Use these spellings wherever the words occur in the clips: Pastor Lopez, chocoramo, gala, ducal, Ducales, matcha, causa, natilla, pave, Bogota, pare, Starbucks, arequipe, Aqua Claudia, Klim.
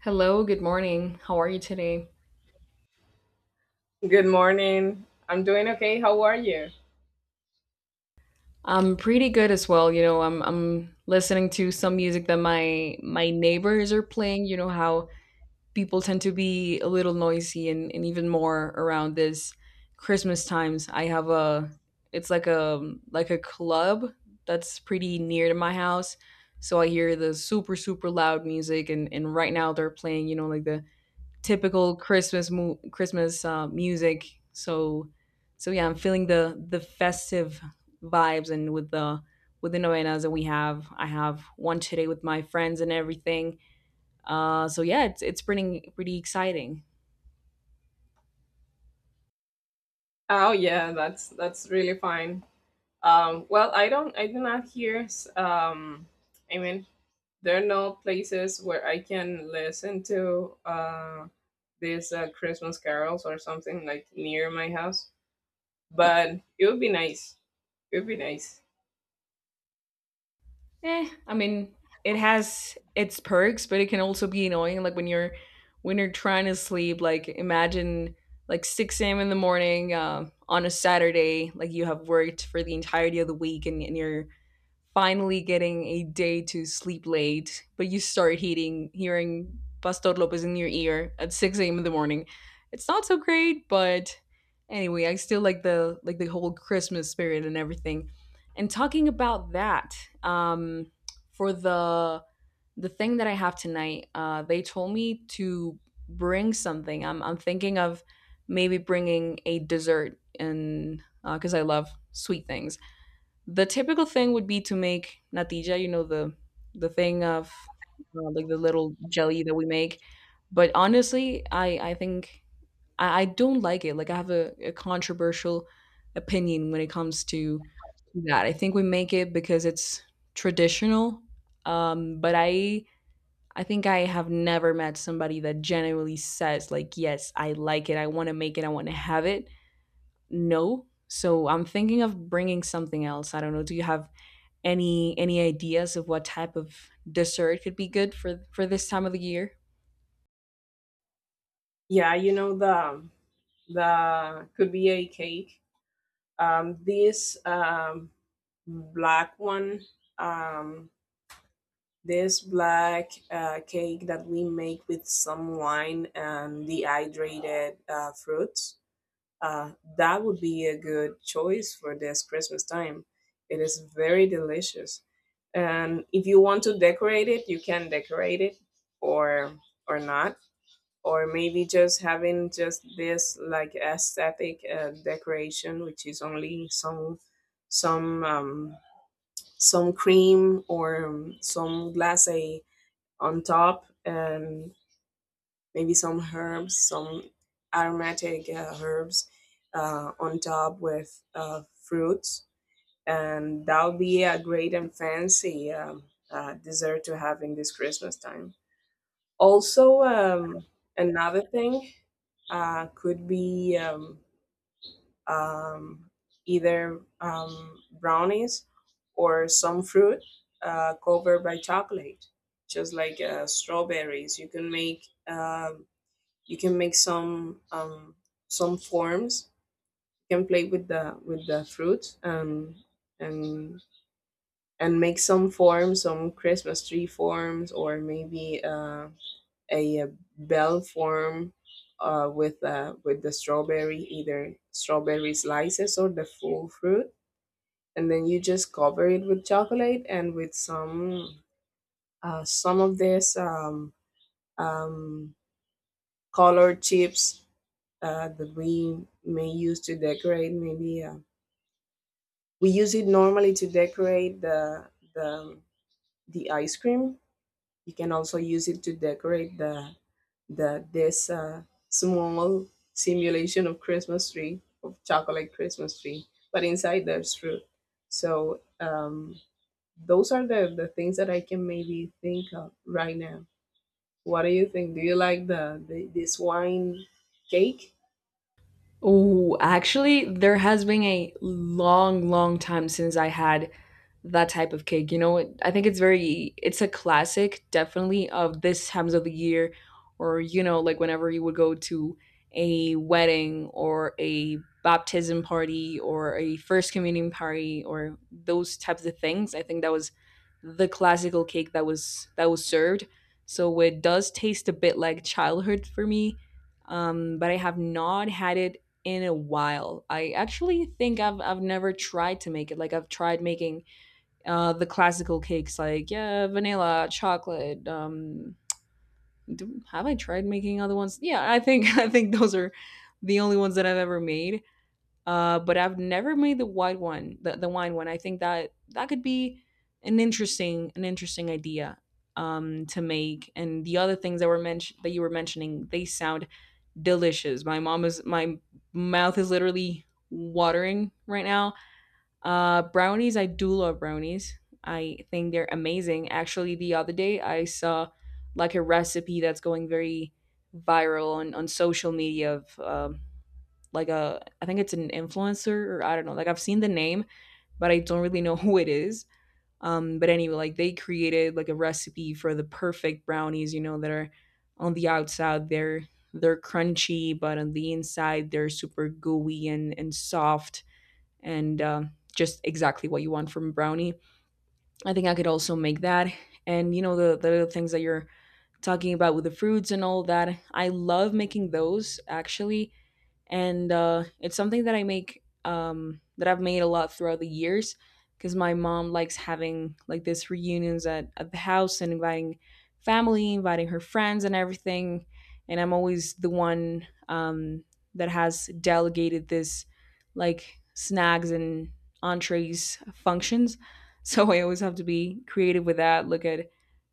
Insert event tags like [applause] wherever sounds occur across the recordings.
Hello, good morning. How are you today? Good morning. I'm doing okay. How are you? I'm pretty good as well. You know, I'm listening to some music that my neighbors are playing. You know how people tend to be a little noisy and even more around this Christmas times. I have a it's like a club that's pretty near to my house. So I hear the super loud music and right now they're playing, you know, like the typical Christmas music. So yeah, I'm feeling the festive vibes and with the novenas that we have. I have one today with my friends and everything. So yeah, it's pretty exciting. Oh yeah, that's really fine. Well, I do not hear I mean there are no places where I can listen to these Christmas carols or something like near my house. But it would be nice. It would be nice. I mean, it has its perks, but it can also be annoying. Like when you're trying to sleep, like imagine like 6 a.m. in the morning on a Saturday, like you have worked for the entirety of the week and you're finally getting a day to sleep late, but you start hearing Pastor Lopez in your ear at 6 a.m. in the morning. It's not so great, but anyway, I still like the whole Christmas spirit and everything. And talking about that, um, for the thing that I have tonight, they told me to bring something. I'm thinking of maybe bringing a dessert and because I love sweet things. The typical thing would be to make natilla, you know, the thing of like the little jelly that we make. But honestly, I think I don't like it. Like I have a controversial opinion when it comes to that. I think we make it because it's traditional. But I think I have never met somebody that genuinely says like, yes, I like it. I want to make it. I want to have it. No. So I'm thinking of bringing something else. I don't know. Do you have any ideas of what type of dessert could be good for this time of the year? Yeah, you know the could be a cake. This black one. Um, this black cake that we make with some wine and dehydrated fruits. Uh, that would be a good choice for this Christmas time. It is very delicious, and if you want to decorate it, you can decorate it, or or not, or maybe just having just this like aesthetic decoration, which is only some some cream or some glace on top and maybe some herbs, some aromatic herbs on top with fruits. And that'll be a great and fancy dessert to have in this Christmas time. Also, another thing could be um, either brownies or some fruit covered by chocolate, just like strawberries. You can make some some forms. You can play with the fruit and and and make some forms, some Christmas tree forms, or maybe. A bell form with with the strawberry, either strawberry slices or the full fruit, and then you just cover it with chocolate and with some of this um, colored chips that we may use to decorate. Maybe we use it normally to decorate the the ice cream. You can also use it to decorate the this small simulation of Christmas tree of chocolate Christmas tree, but inside there's fruit. So those are the things that I can maybe think of right now. What do you think? Do you like the this wine cake? Oh, actually, there has been a long, long time since I had that type of cake. You know, I think it's very, it's a classic, definitely, of this times of the year, or, you know, like whenever you would go to a wedding or a baptism party or a first communion party or those types of things. I think that was the classical cake that was served. So it does taste a bit like childhood for me but I have not had it in a while. I actually think I've never tried to make it. Like I've tried making the classical cakes like yeah, vanilla, chocolate. Have I tried making other ones? Yeah, I think [laughs] I think those are the only ones that I've ever made but I've never made the white one, the wine one. I think that could be an interesting idea to make. And the other things that were mentioned that you were mentioning, they sound delicious. My mouth is literally watering right now. Brownies, I do love brownies. I think they're amazing. Actually, the other day I saw like a recipe that's going very viral on social media of like a I think it's an influencer or I don't know. Like I've seen the name, but I don't really [laughs] know who it is. But anyway, like they created like a recipe for the perfect brownies, you know, that are on the outside they're crunchy, but on the inside they're super gooey and soft and just exactly what you want from a brownie. I think I could also make that. And you know the things that you're talking about with the fruits and all that. I love making those actually and it's something that I make that I've made a lot throughout the years because my mom likes having like this reunions at the house and inviting family, inviting her friends and everything. And I'm always the one that has delegated this like snacks and entrees functions. [laughs] So I always have to be creative with that. Look at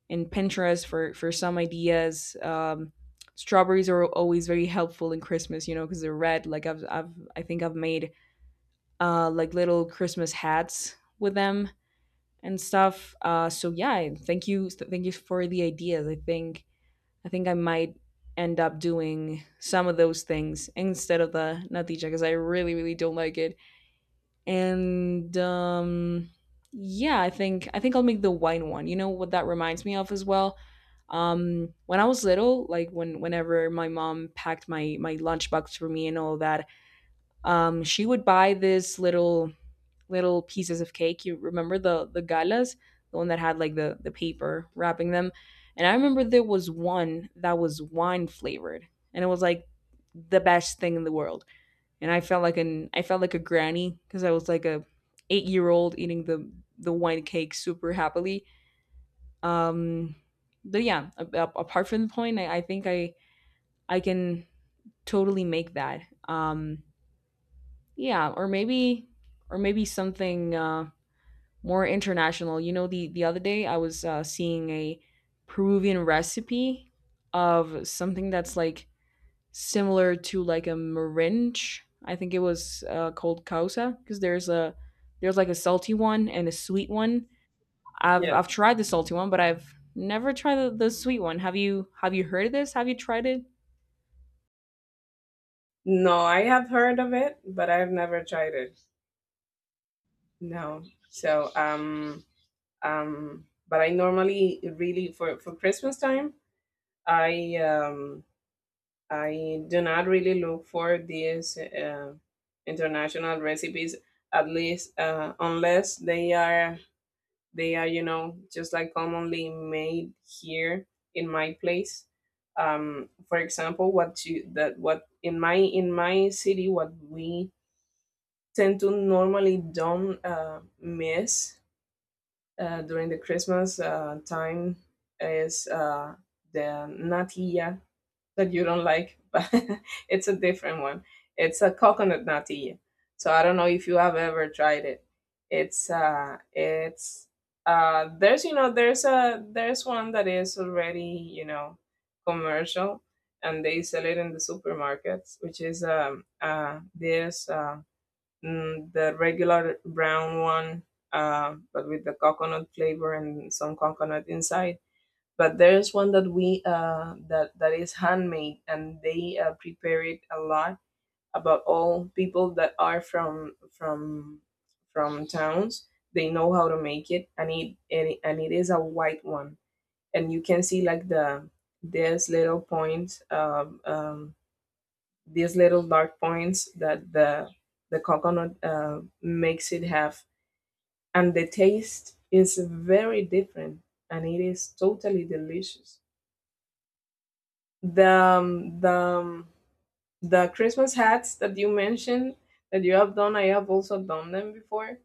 and Pinterest for some ideas. Strawberries are always very helpful in Christmas, you know, because they're red. Like I think I've made like little Christmas hats with them and stuff. So yeah, thank you for the ideas. I think I might end up doing some of those things instead of the natija because I really don't like it and yeah, I think I'll make the wine one. You know what that reminds me of as well. When I was little, like whenever my mom packed my lunchbox for me and all that, she would buy this little pieces of cake. You remember the galas, the one that had like the paper wrapping them. And I remember there was one that was wine flavored, and it was like the best thing in the world and I felt like an I felt like a granny because I was like a 8 year old eating the wine cake super happily. Um, but yeah, apart from the point, I think I can totally make that. Yeah, or maybe something more international. You know, the other day I was seeing a Peruvian recipe of something that's like similar to like a meringue. I think it was called causa because there's like a salty one and a sweet one. I've Yes. I've tried the salty one, but I've never tried the sweet one. Have you heard of this? Have you tried it? No, I have heard of it, but I've never tried it. No. So but I normally really for Christmas time I um, I do not really look for these international recipes, at least unless they are they are, you know, just like commonly made here in my place. For example, what you that what in my city what we tend to normally don't miss during the Christmas time is the natilla that you don't like, but [laughs] it's a different one. It's a coconut natilla. So I don't know if you have ever tried it. It's there's, you know, there's one that is already, you know, commercial and they sell it in the supermarkets, which is the regular brown one but with the coconut flavor and some coconut inside, but there's one that we that that is handmade and they prepare it a lot. About all people that are from from towns, they know how to make it and it is a white one and you can see like the there's little points these little dark points that the coconut makes it have, and the taste is very different and it is totally delicious. The the Christmas hats that you mentioned that you have done, I have also done them before.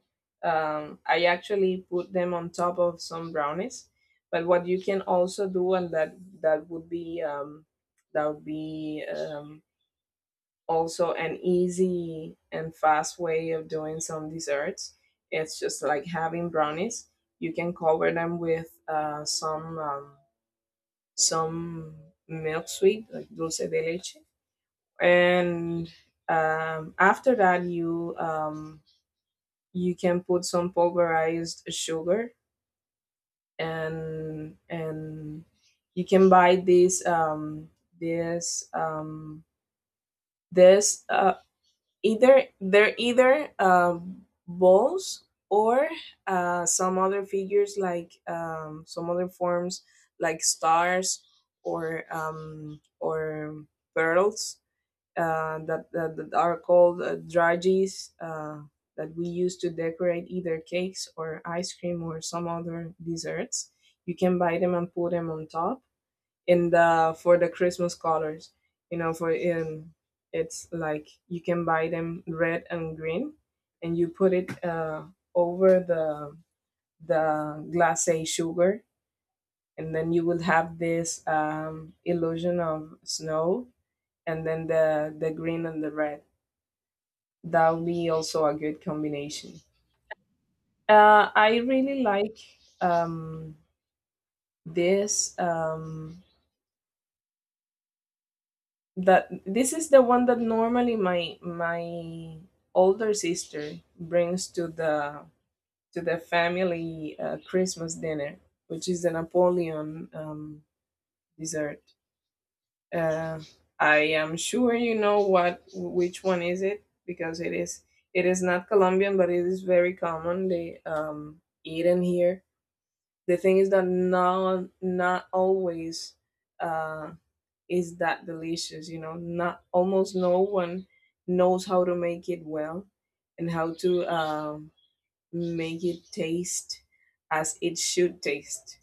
I actually put them on top of some brownies. But what you can also do, and that would be um, that would be also an easy and fast way of doing some desserts. It's just like having brownies. You can cover them with some milk sweet, like dulce de leche, and after that you you can put some pulverized sugar and you can buy this um, this either they're either balls or some other figures like some other forms like stars or pearls that are called dragees that we use to decorate either cakes or ice cream or some other desserts. You can buy them and put them on top. And the, for the Christmas colors, you know, for in it's like you can buy them red and green, and you put it over the glacé sugar, and then you will have this illusion of snow, and then the green and the red, that would be also a good combination. I really like um, this. That this is the one that normally my older sister brings to the family Christmas dinner, which is the Napoleon dessert. Uh, I am sure you know what which one is it, because it is not Colombian, but it is very common. They eaten here. The thing is that not not always uh, is that delicious. You know, not almost no one knows how to make it well and how to make it taste as it should taste.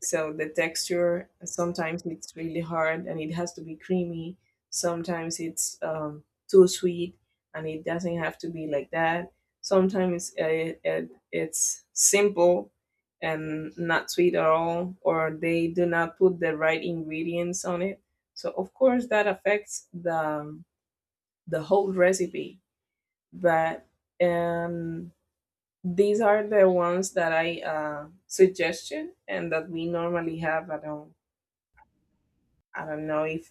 So the texture sometimes it's really hard and it has to be creamy. Sometimes it's too sweet and it doesn't have to be like that. Sometimes it's simple and not sweet at all, or they do not put the right ingredients on it. So of course that affects the whole recipe. But um, these are the ones that I suggested and that we normally have at home. I don't know if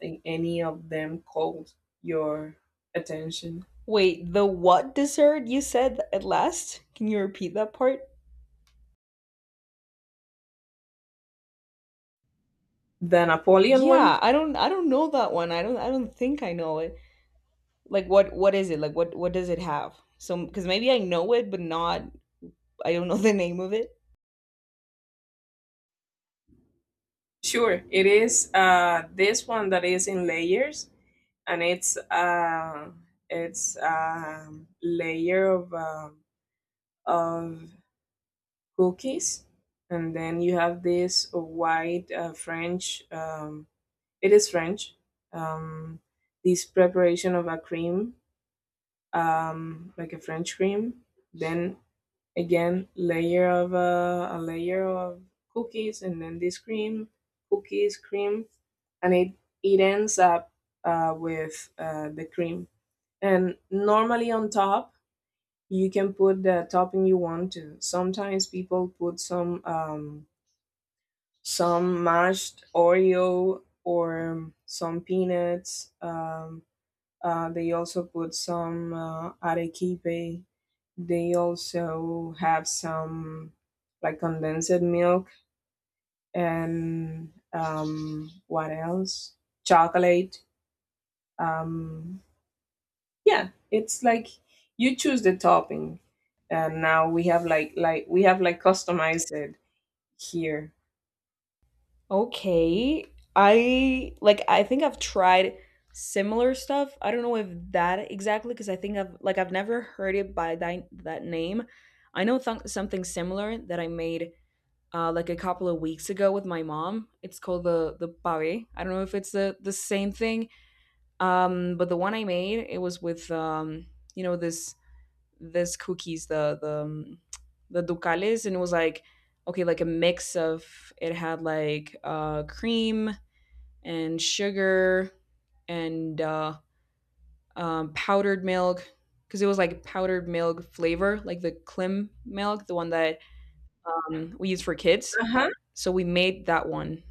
any of them caught your attention. Wait, the what dessert you said at last? Can you repeat that part? The Napoleon one? Yeah, I don't know that one. I don't think I know it. Like what is it? Like what does it have? So cuz maybe I know it but not I don't know the name of it. Sure, it is this one that is in layers, and it's a layer of of cookies, and then you have this white French. It is French. Um, this preparation of a cream, like a French cream, then again layer of cookies and then this cream cookies cream and it ends up with the cream and normally on top you can put the topping you want to. Sometimes people put some mashed oreo or some peanuts they also put some arequipe. They also have some like condensed milk and what else? Chocolate. Um, yeah, it's like you choose the topping, and now we have we have like customized it here. Okay. I think I've tried similar stuff. I don't know if that exactly because I think I've never heard it by that name. I know something similar that I made like a couple of weeks ago with my mom. It's called the pare. I don't know if it's the same thing. But the one I made it was with you know this cookies, the ducales, and it was like okay, like a mix of it had like cream and sugar and powdered milk because it was like powdered milk flavor, like the Klim milk, the one that we use for kids. Uh huh. So we made that one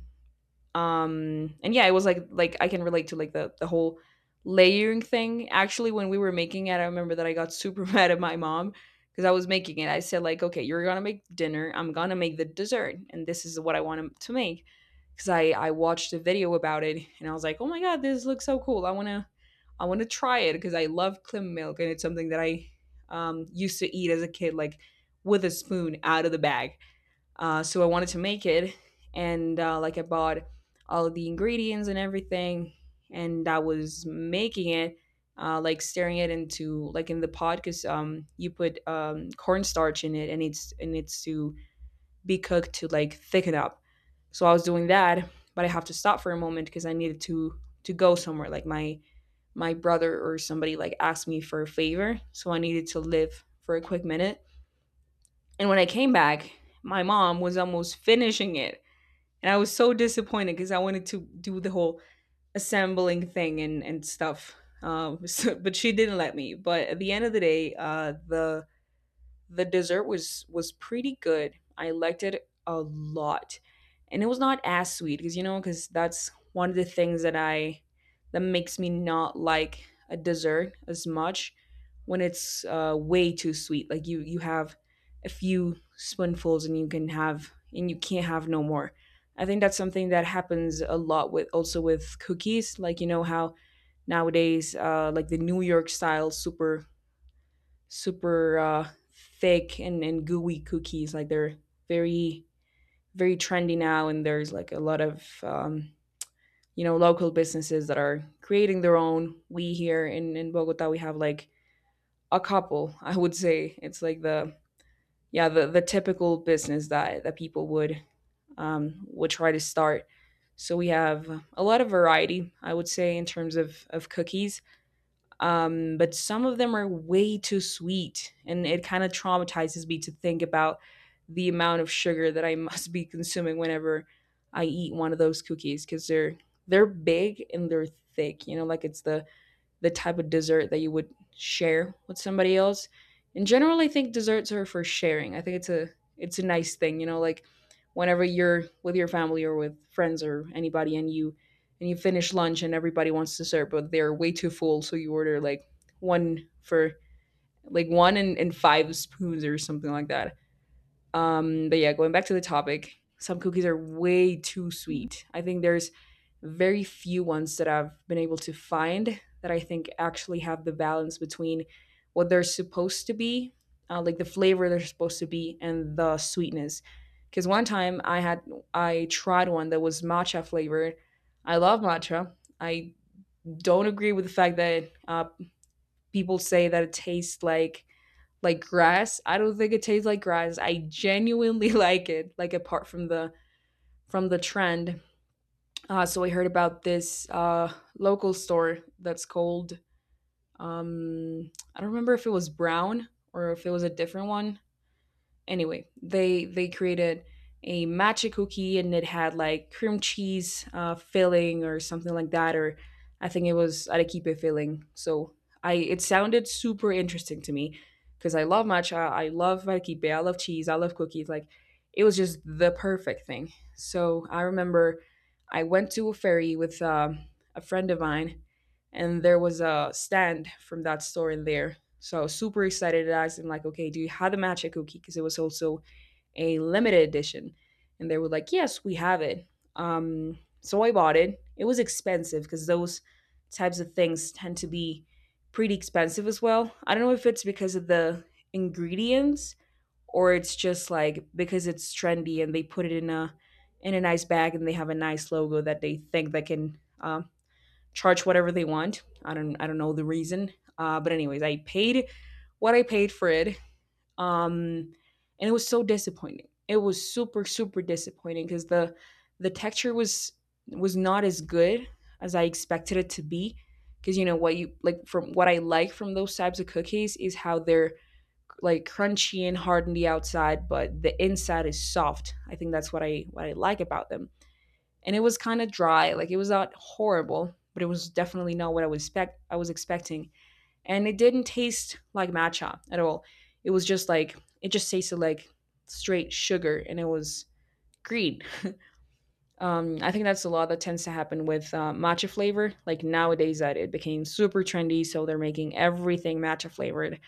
and yeah it was like I can relate to like the whole layering thing. Actually when we were making it I remember that I got super [laughs] mad at my mom because I was making it. I said like okay, you're gonna make dinner, I'm gonna make the dessert, and this is what I want to make because I watched a video about it and I was like oh my god, this looks so cool. I want to try it because I love clam milk and it's something that I used to eat as a kid like with a spoon out of the bag so I wanted to make it, and like I bought all of the ingredients and everything, and I was making it, like stirring it into like in the pot because you put cornstarch in it, and it needs to be cooked to like thicken up. So I was doing that, but I have to stop for a moment because I needed to go somewhere. Like my brother or somebody like asked me for a favor, so I needed to leave for a quick minute. And when I came back, my mom was almost finishing it. And I was so disappointed because I wanted to do the whole assembling thing and stuff. [laughs] But she didn't let me. But at the end of the day, the dessert was pretty good. I liked it a lot. And it was not as sweet because you know because that's one of the things that I that makes me not like a dessert as much when it's way too sweet. Like you have a few spoonfuls and you can't have no more. I think that's something that happens a lot with also with cookies. Like you know how nowadays like the New York style super super thick and gooey cookies. Like they're very, very trendy now. And there's like a lot of, you know, local businesses that are creating their own. We here in Bogota, we have like a couple, [laughs] I would say. It's like the typical business that people would try to start. So we have a lot of variety, I would say, in terms of cookies. But some of them are way too sweet, and it kind of traumatizes me to think about the amount of sugar that I [laughs] must be consuming whenever I eat one of those cookies, because they're big and they're thick, you know, like it's the type of dessert that you would share with somebody else. In general, I think desserts are for sharing. I think it's a nice thing, you know, like whenever you're with your family or with friends or anybody, and you finish lunch and everybody wants dessert, but they're way too full, so you order like one for like one and five spoons or something like that. But yeah, going back to the topic, some cookies are way too sweet. I think there's very few ones that I've been able to find that I think actually have the balance between what they're supposed to be, like the flavor they're supposed to be, and the sweetness. Because one time I tried one that was matcha flavored. I love matcha. I don't agree with the fact that people say that it tastes like grass. I don't think it tastes like grass. I genuinely [laughs] like it, like apart from the trend. So I heard about this local store that's called I don't remember if it was Brown or if it was a different one. Anyway, they created a matcha cookie, and it had like cream cheese filling or something like that, or I think it was arequipe filling. So I, it sounded super interesting to me because I love matcha, I love arequipe, I love cheese, I love cookies. Like it was just the perfect thing. So I remember I went to a ferry with a friend of mine, and there was a stand from that store in there, so I was super excited. I asked them like, okay, do you have the matcha cookie? Because it was also a limited edition. And they were like, yes, we have it. So I bought it. It was expensive because those types of things tend to be pretty expensive as well. I don't know if it's because of the ingredients, or it's just like because it's trendy and they put it in a nice bag and they have a nice logo that they think that can, charge whatever they want. I don't know the reason. But anyways, I paid what I paid for it. Um, and it was so disappointing. It was super super disappointing because the texture was not as good as I expected it to be. Because what I like from those types of cookies is how they're like crunchy and hard on the outside, but the inside is soft. I think that's what I like about them, and it was kind of dry. Like it was not horrible, but it was definitely not what I was expecting. And it didn't taste like matcha at all. It was just like, it just tasted like straight sugar, and it was green. I think that's a lot that tends to happen with matcha flavor. Like nowadays, that it became super trendy, so they're making everything matcha flavored.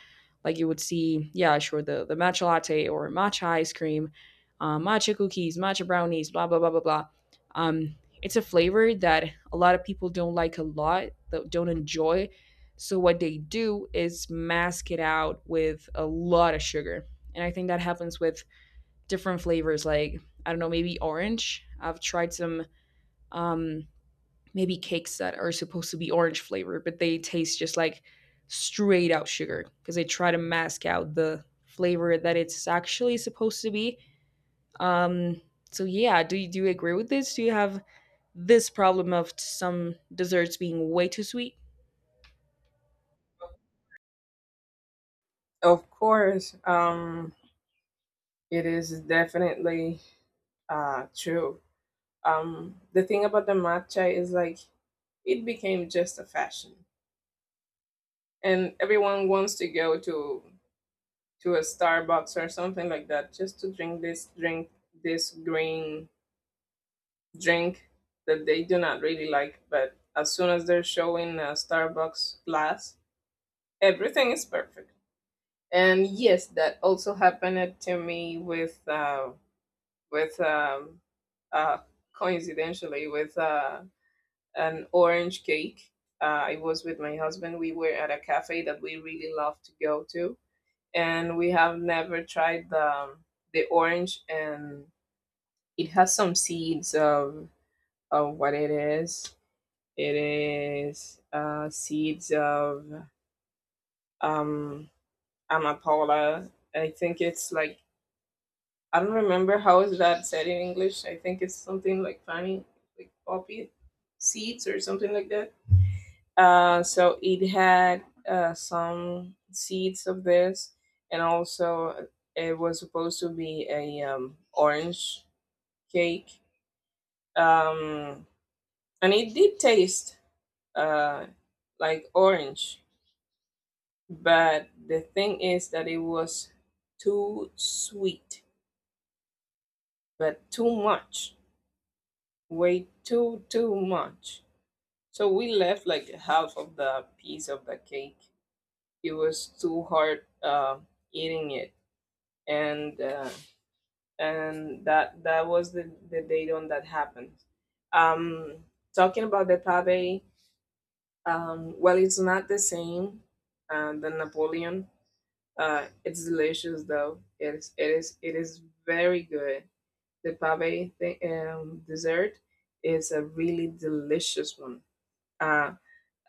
Like you would see, yeah, sure, the matcha latte or matcha ice cream, matcha cookies, matcha brownies, blah blah blah blah blah. It's a flavor that a lot of people don't like a lot, that don't enjoy. So what they do is mask it out with a lot of sugar, and I think that happens with different flavors like, I don't know, maybe orange. I've tried some, um maybe cakes that are supposed to be orange flavored, but they taste just like straight out sugar because they try to mask out the flavor that it's actually supposed to be. um so yeah, do you agree with this? Do you have this problem of some desserts being way too sweet? Of course, it is definitely true. The thing about the matcha is like it became just a fashion, and everyone wants to go to a Starbucks or something like that just to drink, this green drink that they do not really like. But as soon as they're showing a Starbucks glass, everything is perfect. And yes, that also happened to me with with um, uh, coincidentally with an orange cake. I was with my husband. We were at a cafe that we really love to go to, and we have never tried the orange, and it has some seeds of what it is. It is seeds of um amapola. I think it's like, I don't remember how is that said in English. I think it's something like funny, like poppy seeds or something like that. So it had some seeds of this, and also it was supposed to be a orange cake, um, and it did taste uh, like orange. But the thing is that it was too sweet, but too much, way too much. So we left like half of the piece of the cake. It was too hard eating it, and that that was the date on that happened. Um, talking about the pave, well, it's not the same the Napoleon. It's delicious though. It is very good. The pave dessert is a really delicious one. Uh,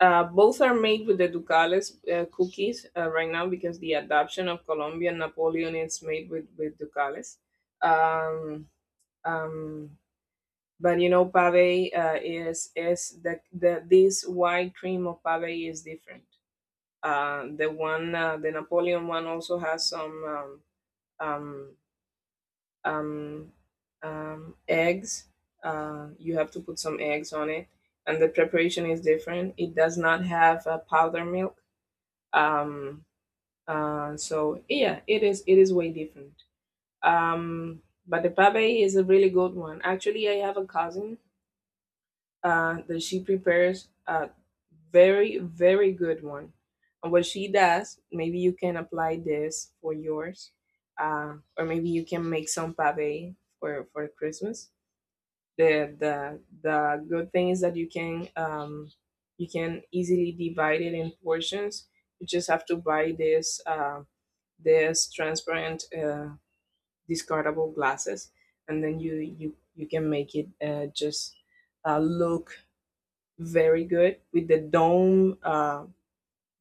both are made with the Ducales cookies right now because the adoption of Colombian Napoleon is made with Ducales. Um, um, but you know, pave is the this white cream of pave is different. The one the Napoleon one also has some um, um, eggs. You have to put some eggs on it, and the preparation is different. It does not have powder milk. um so yeah, it is way different. um but the pabe is a really good one. Actually, I have a cousin that she prepares a very, very good one, and what she does, maybe you can apply this for yours, or maybe you can make some pabe for Christmas. The good thing is that you can easily divide it in portions. You just have to buy this, there's transparent discardable glasses, and then you can make it just look very good with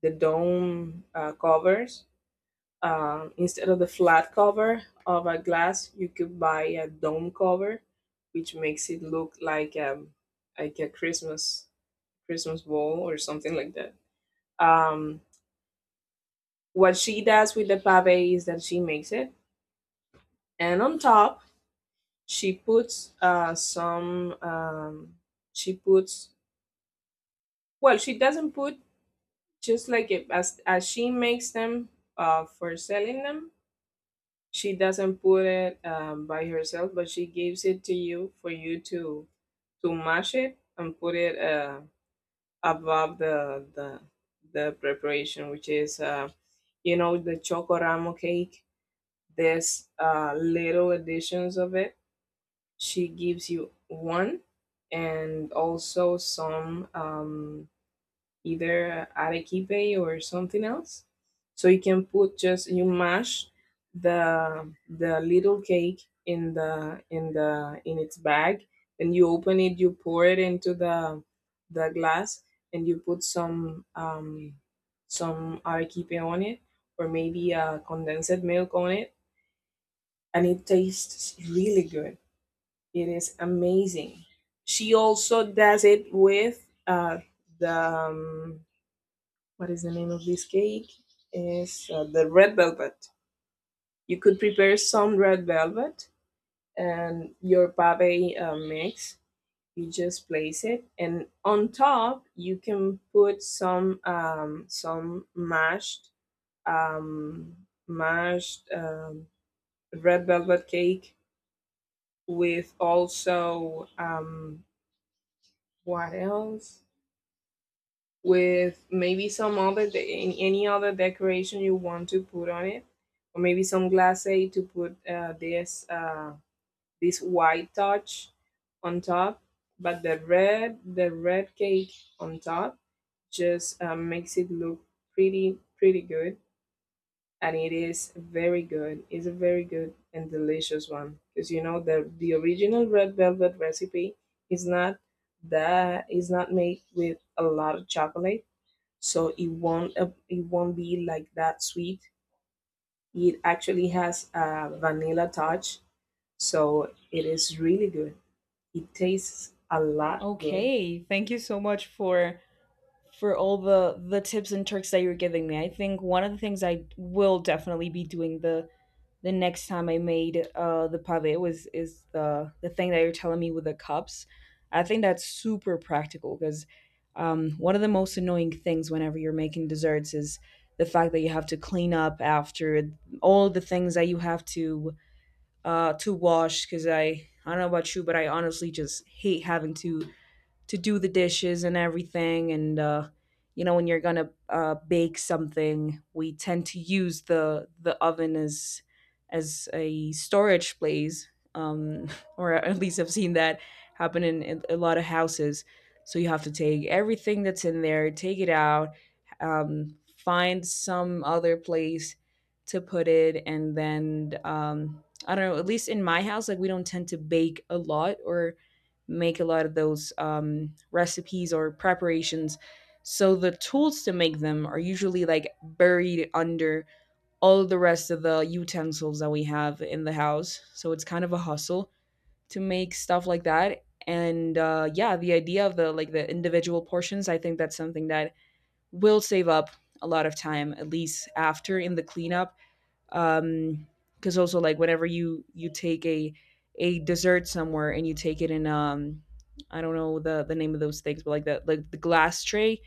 the dome covers. Um, instead of the flat cover of a glass, you could buy a dome cover, which makes it look like a Christmas Christmas ball or something like that. Um, what she does with the pave is that she makes it, and on top she puts some. She puts. Well, she doesn't put, just like it, as she makes them for selling them. She doesn't put it by herself, but she gives it to you for you to mash it and put it above the the preparation, which is, you know, the chocoramo cake. There's little additions of it. She gives you one and also some either arequipe or something else. So you can put, just you mash the little cake in the in its bag. When you open it, you pour it into the glass and you put some arequipe on it or maybe condensed milk on it, and it tastes really good. It is amazing. She also does it with the what is the name of this cake? Is the red velvet. You could prepare some red velvet and your pave mix. You just place it, and on top you can put some some um, mashed red velvet cake with also what else? With maybe some other any other decoration you want to put on it or maybe some glace to put this white touch on top. But the red cake on top just makes it look pretty, pretty good. And it is very good. It's a very good and delicious one, because you know the original red velvet recipe is not, that is not made with a lot of chocolate, so it won't be like that sweet. It actually has a vanilla touch, so it is really good. It tastes a lot good. Okay, thank you so much for all the tips and tricks that you're giving me. I think one of the things I will definitely be doing the next time I made the pave was is the thing that you're telling me with the cups. I think that's super practical because, one of the most annoying things whenever you're making desserts is the fact that you have to clean up after all the things that you have to wash, because I don't know about you, but I honestly just hate having to do the dishes and everything. And You know, when you're gonna bake something, we tend to use the oven as a storage place, um [laughs] or at least I've seen that happen in a lot of houses. So you have to take everything that's in there, take it out, find some other place to put it, and then, I don't know, at least in my house, like, we don't tend to bake a lot or make a lot of those recipes or preparations. So the tools to make them are usually like buried under all the rest of the utensils that we have in the house. So it's kind of a hustle to make stuff like that. And yeah, the idea of the, like the individual portions, I think that's something that will save up a lot of time, at least after in the cleanup. um because also, like, whenever you take a dessert somewhere, and you take it in, I don't know the name of those things, but like the, like the glass tray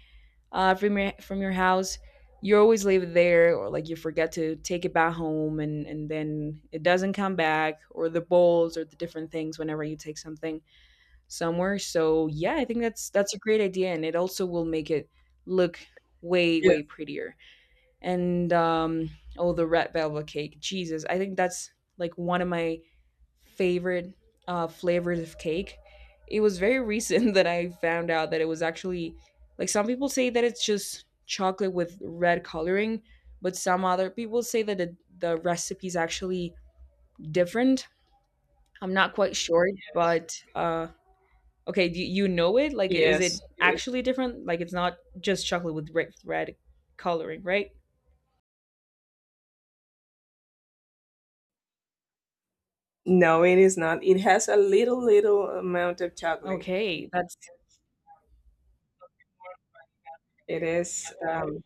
from your, from your house, you always leave it there, or like you forget to take it back home, and then it doesn't come back, or the bowls, or the different things whenever you take something somewhere. So yeah, I think that's a great idea, and it also will make it look way Yes, way prettier. And um Oh, the red velvet cake, Jesus, I think that's like one of my favorite flavors of cake. It was very recent [laughs] that I found out that it was actually, like, some people say that it's just chocolate with red coloring, but some other people say that the recipe is actually different. I'm not quite sure, but okay, do you know it? Like, is it yes, it is. actually different? Like, it's not just chocolate with red, red coloring, right? No, it is not. It has a little little amount of chocolate. Okay, that's, It is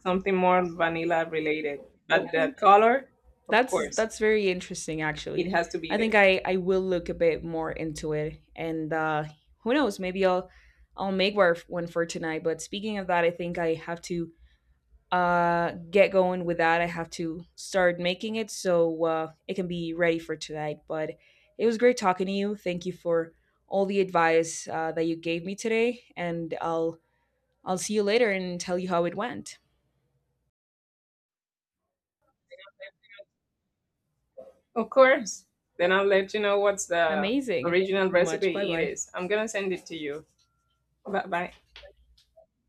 something more vanilla related, but okay. the color, of course, That's very interesting, it actually. has to be I think there. I will look a bit more into it, and who knows, maybe I'll make one for tonight. But speaking of that, I think I have to get going with that. I have to start making it so it can be ready for tonight. But it was great talking to you. Thank you for all the advice, that you gave me today, and I'll see you later and tell you how it went. Of course. Then I'll let you know what's the Amazing. Thank you original so much. recipe it Bye-bye. is. I'm gonna send it to you. Bye bye.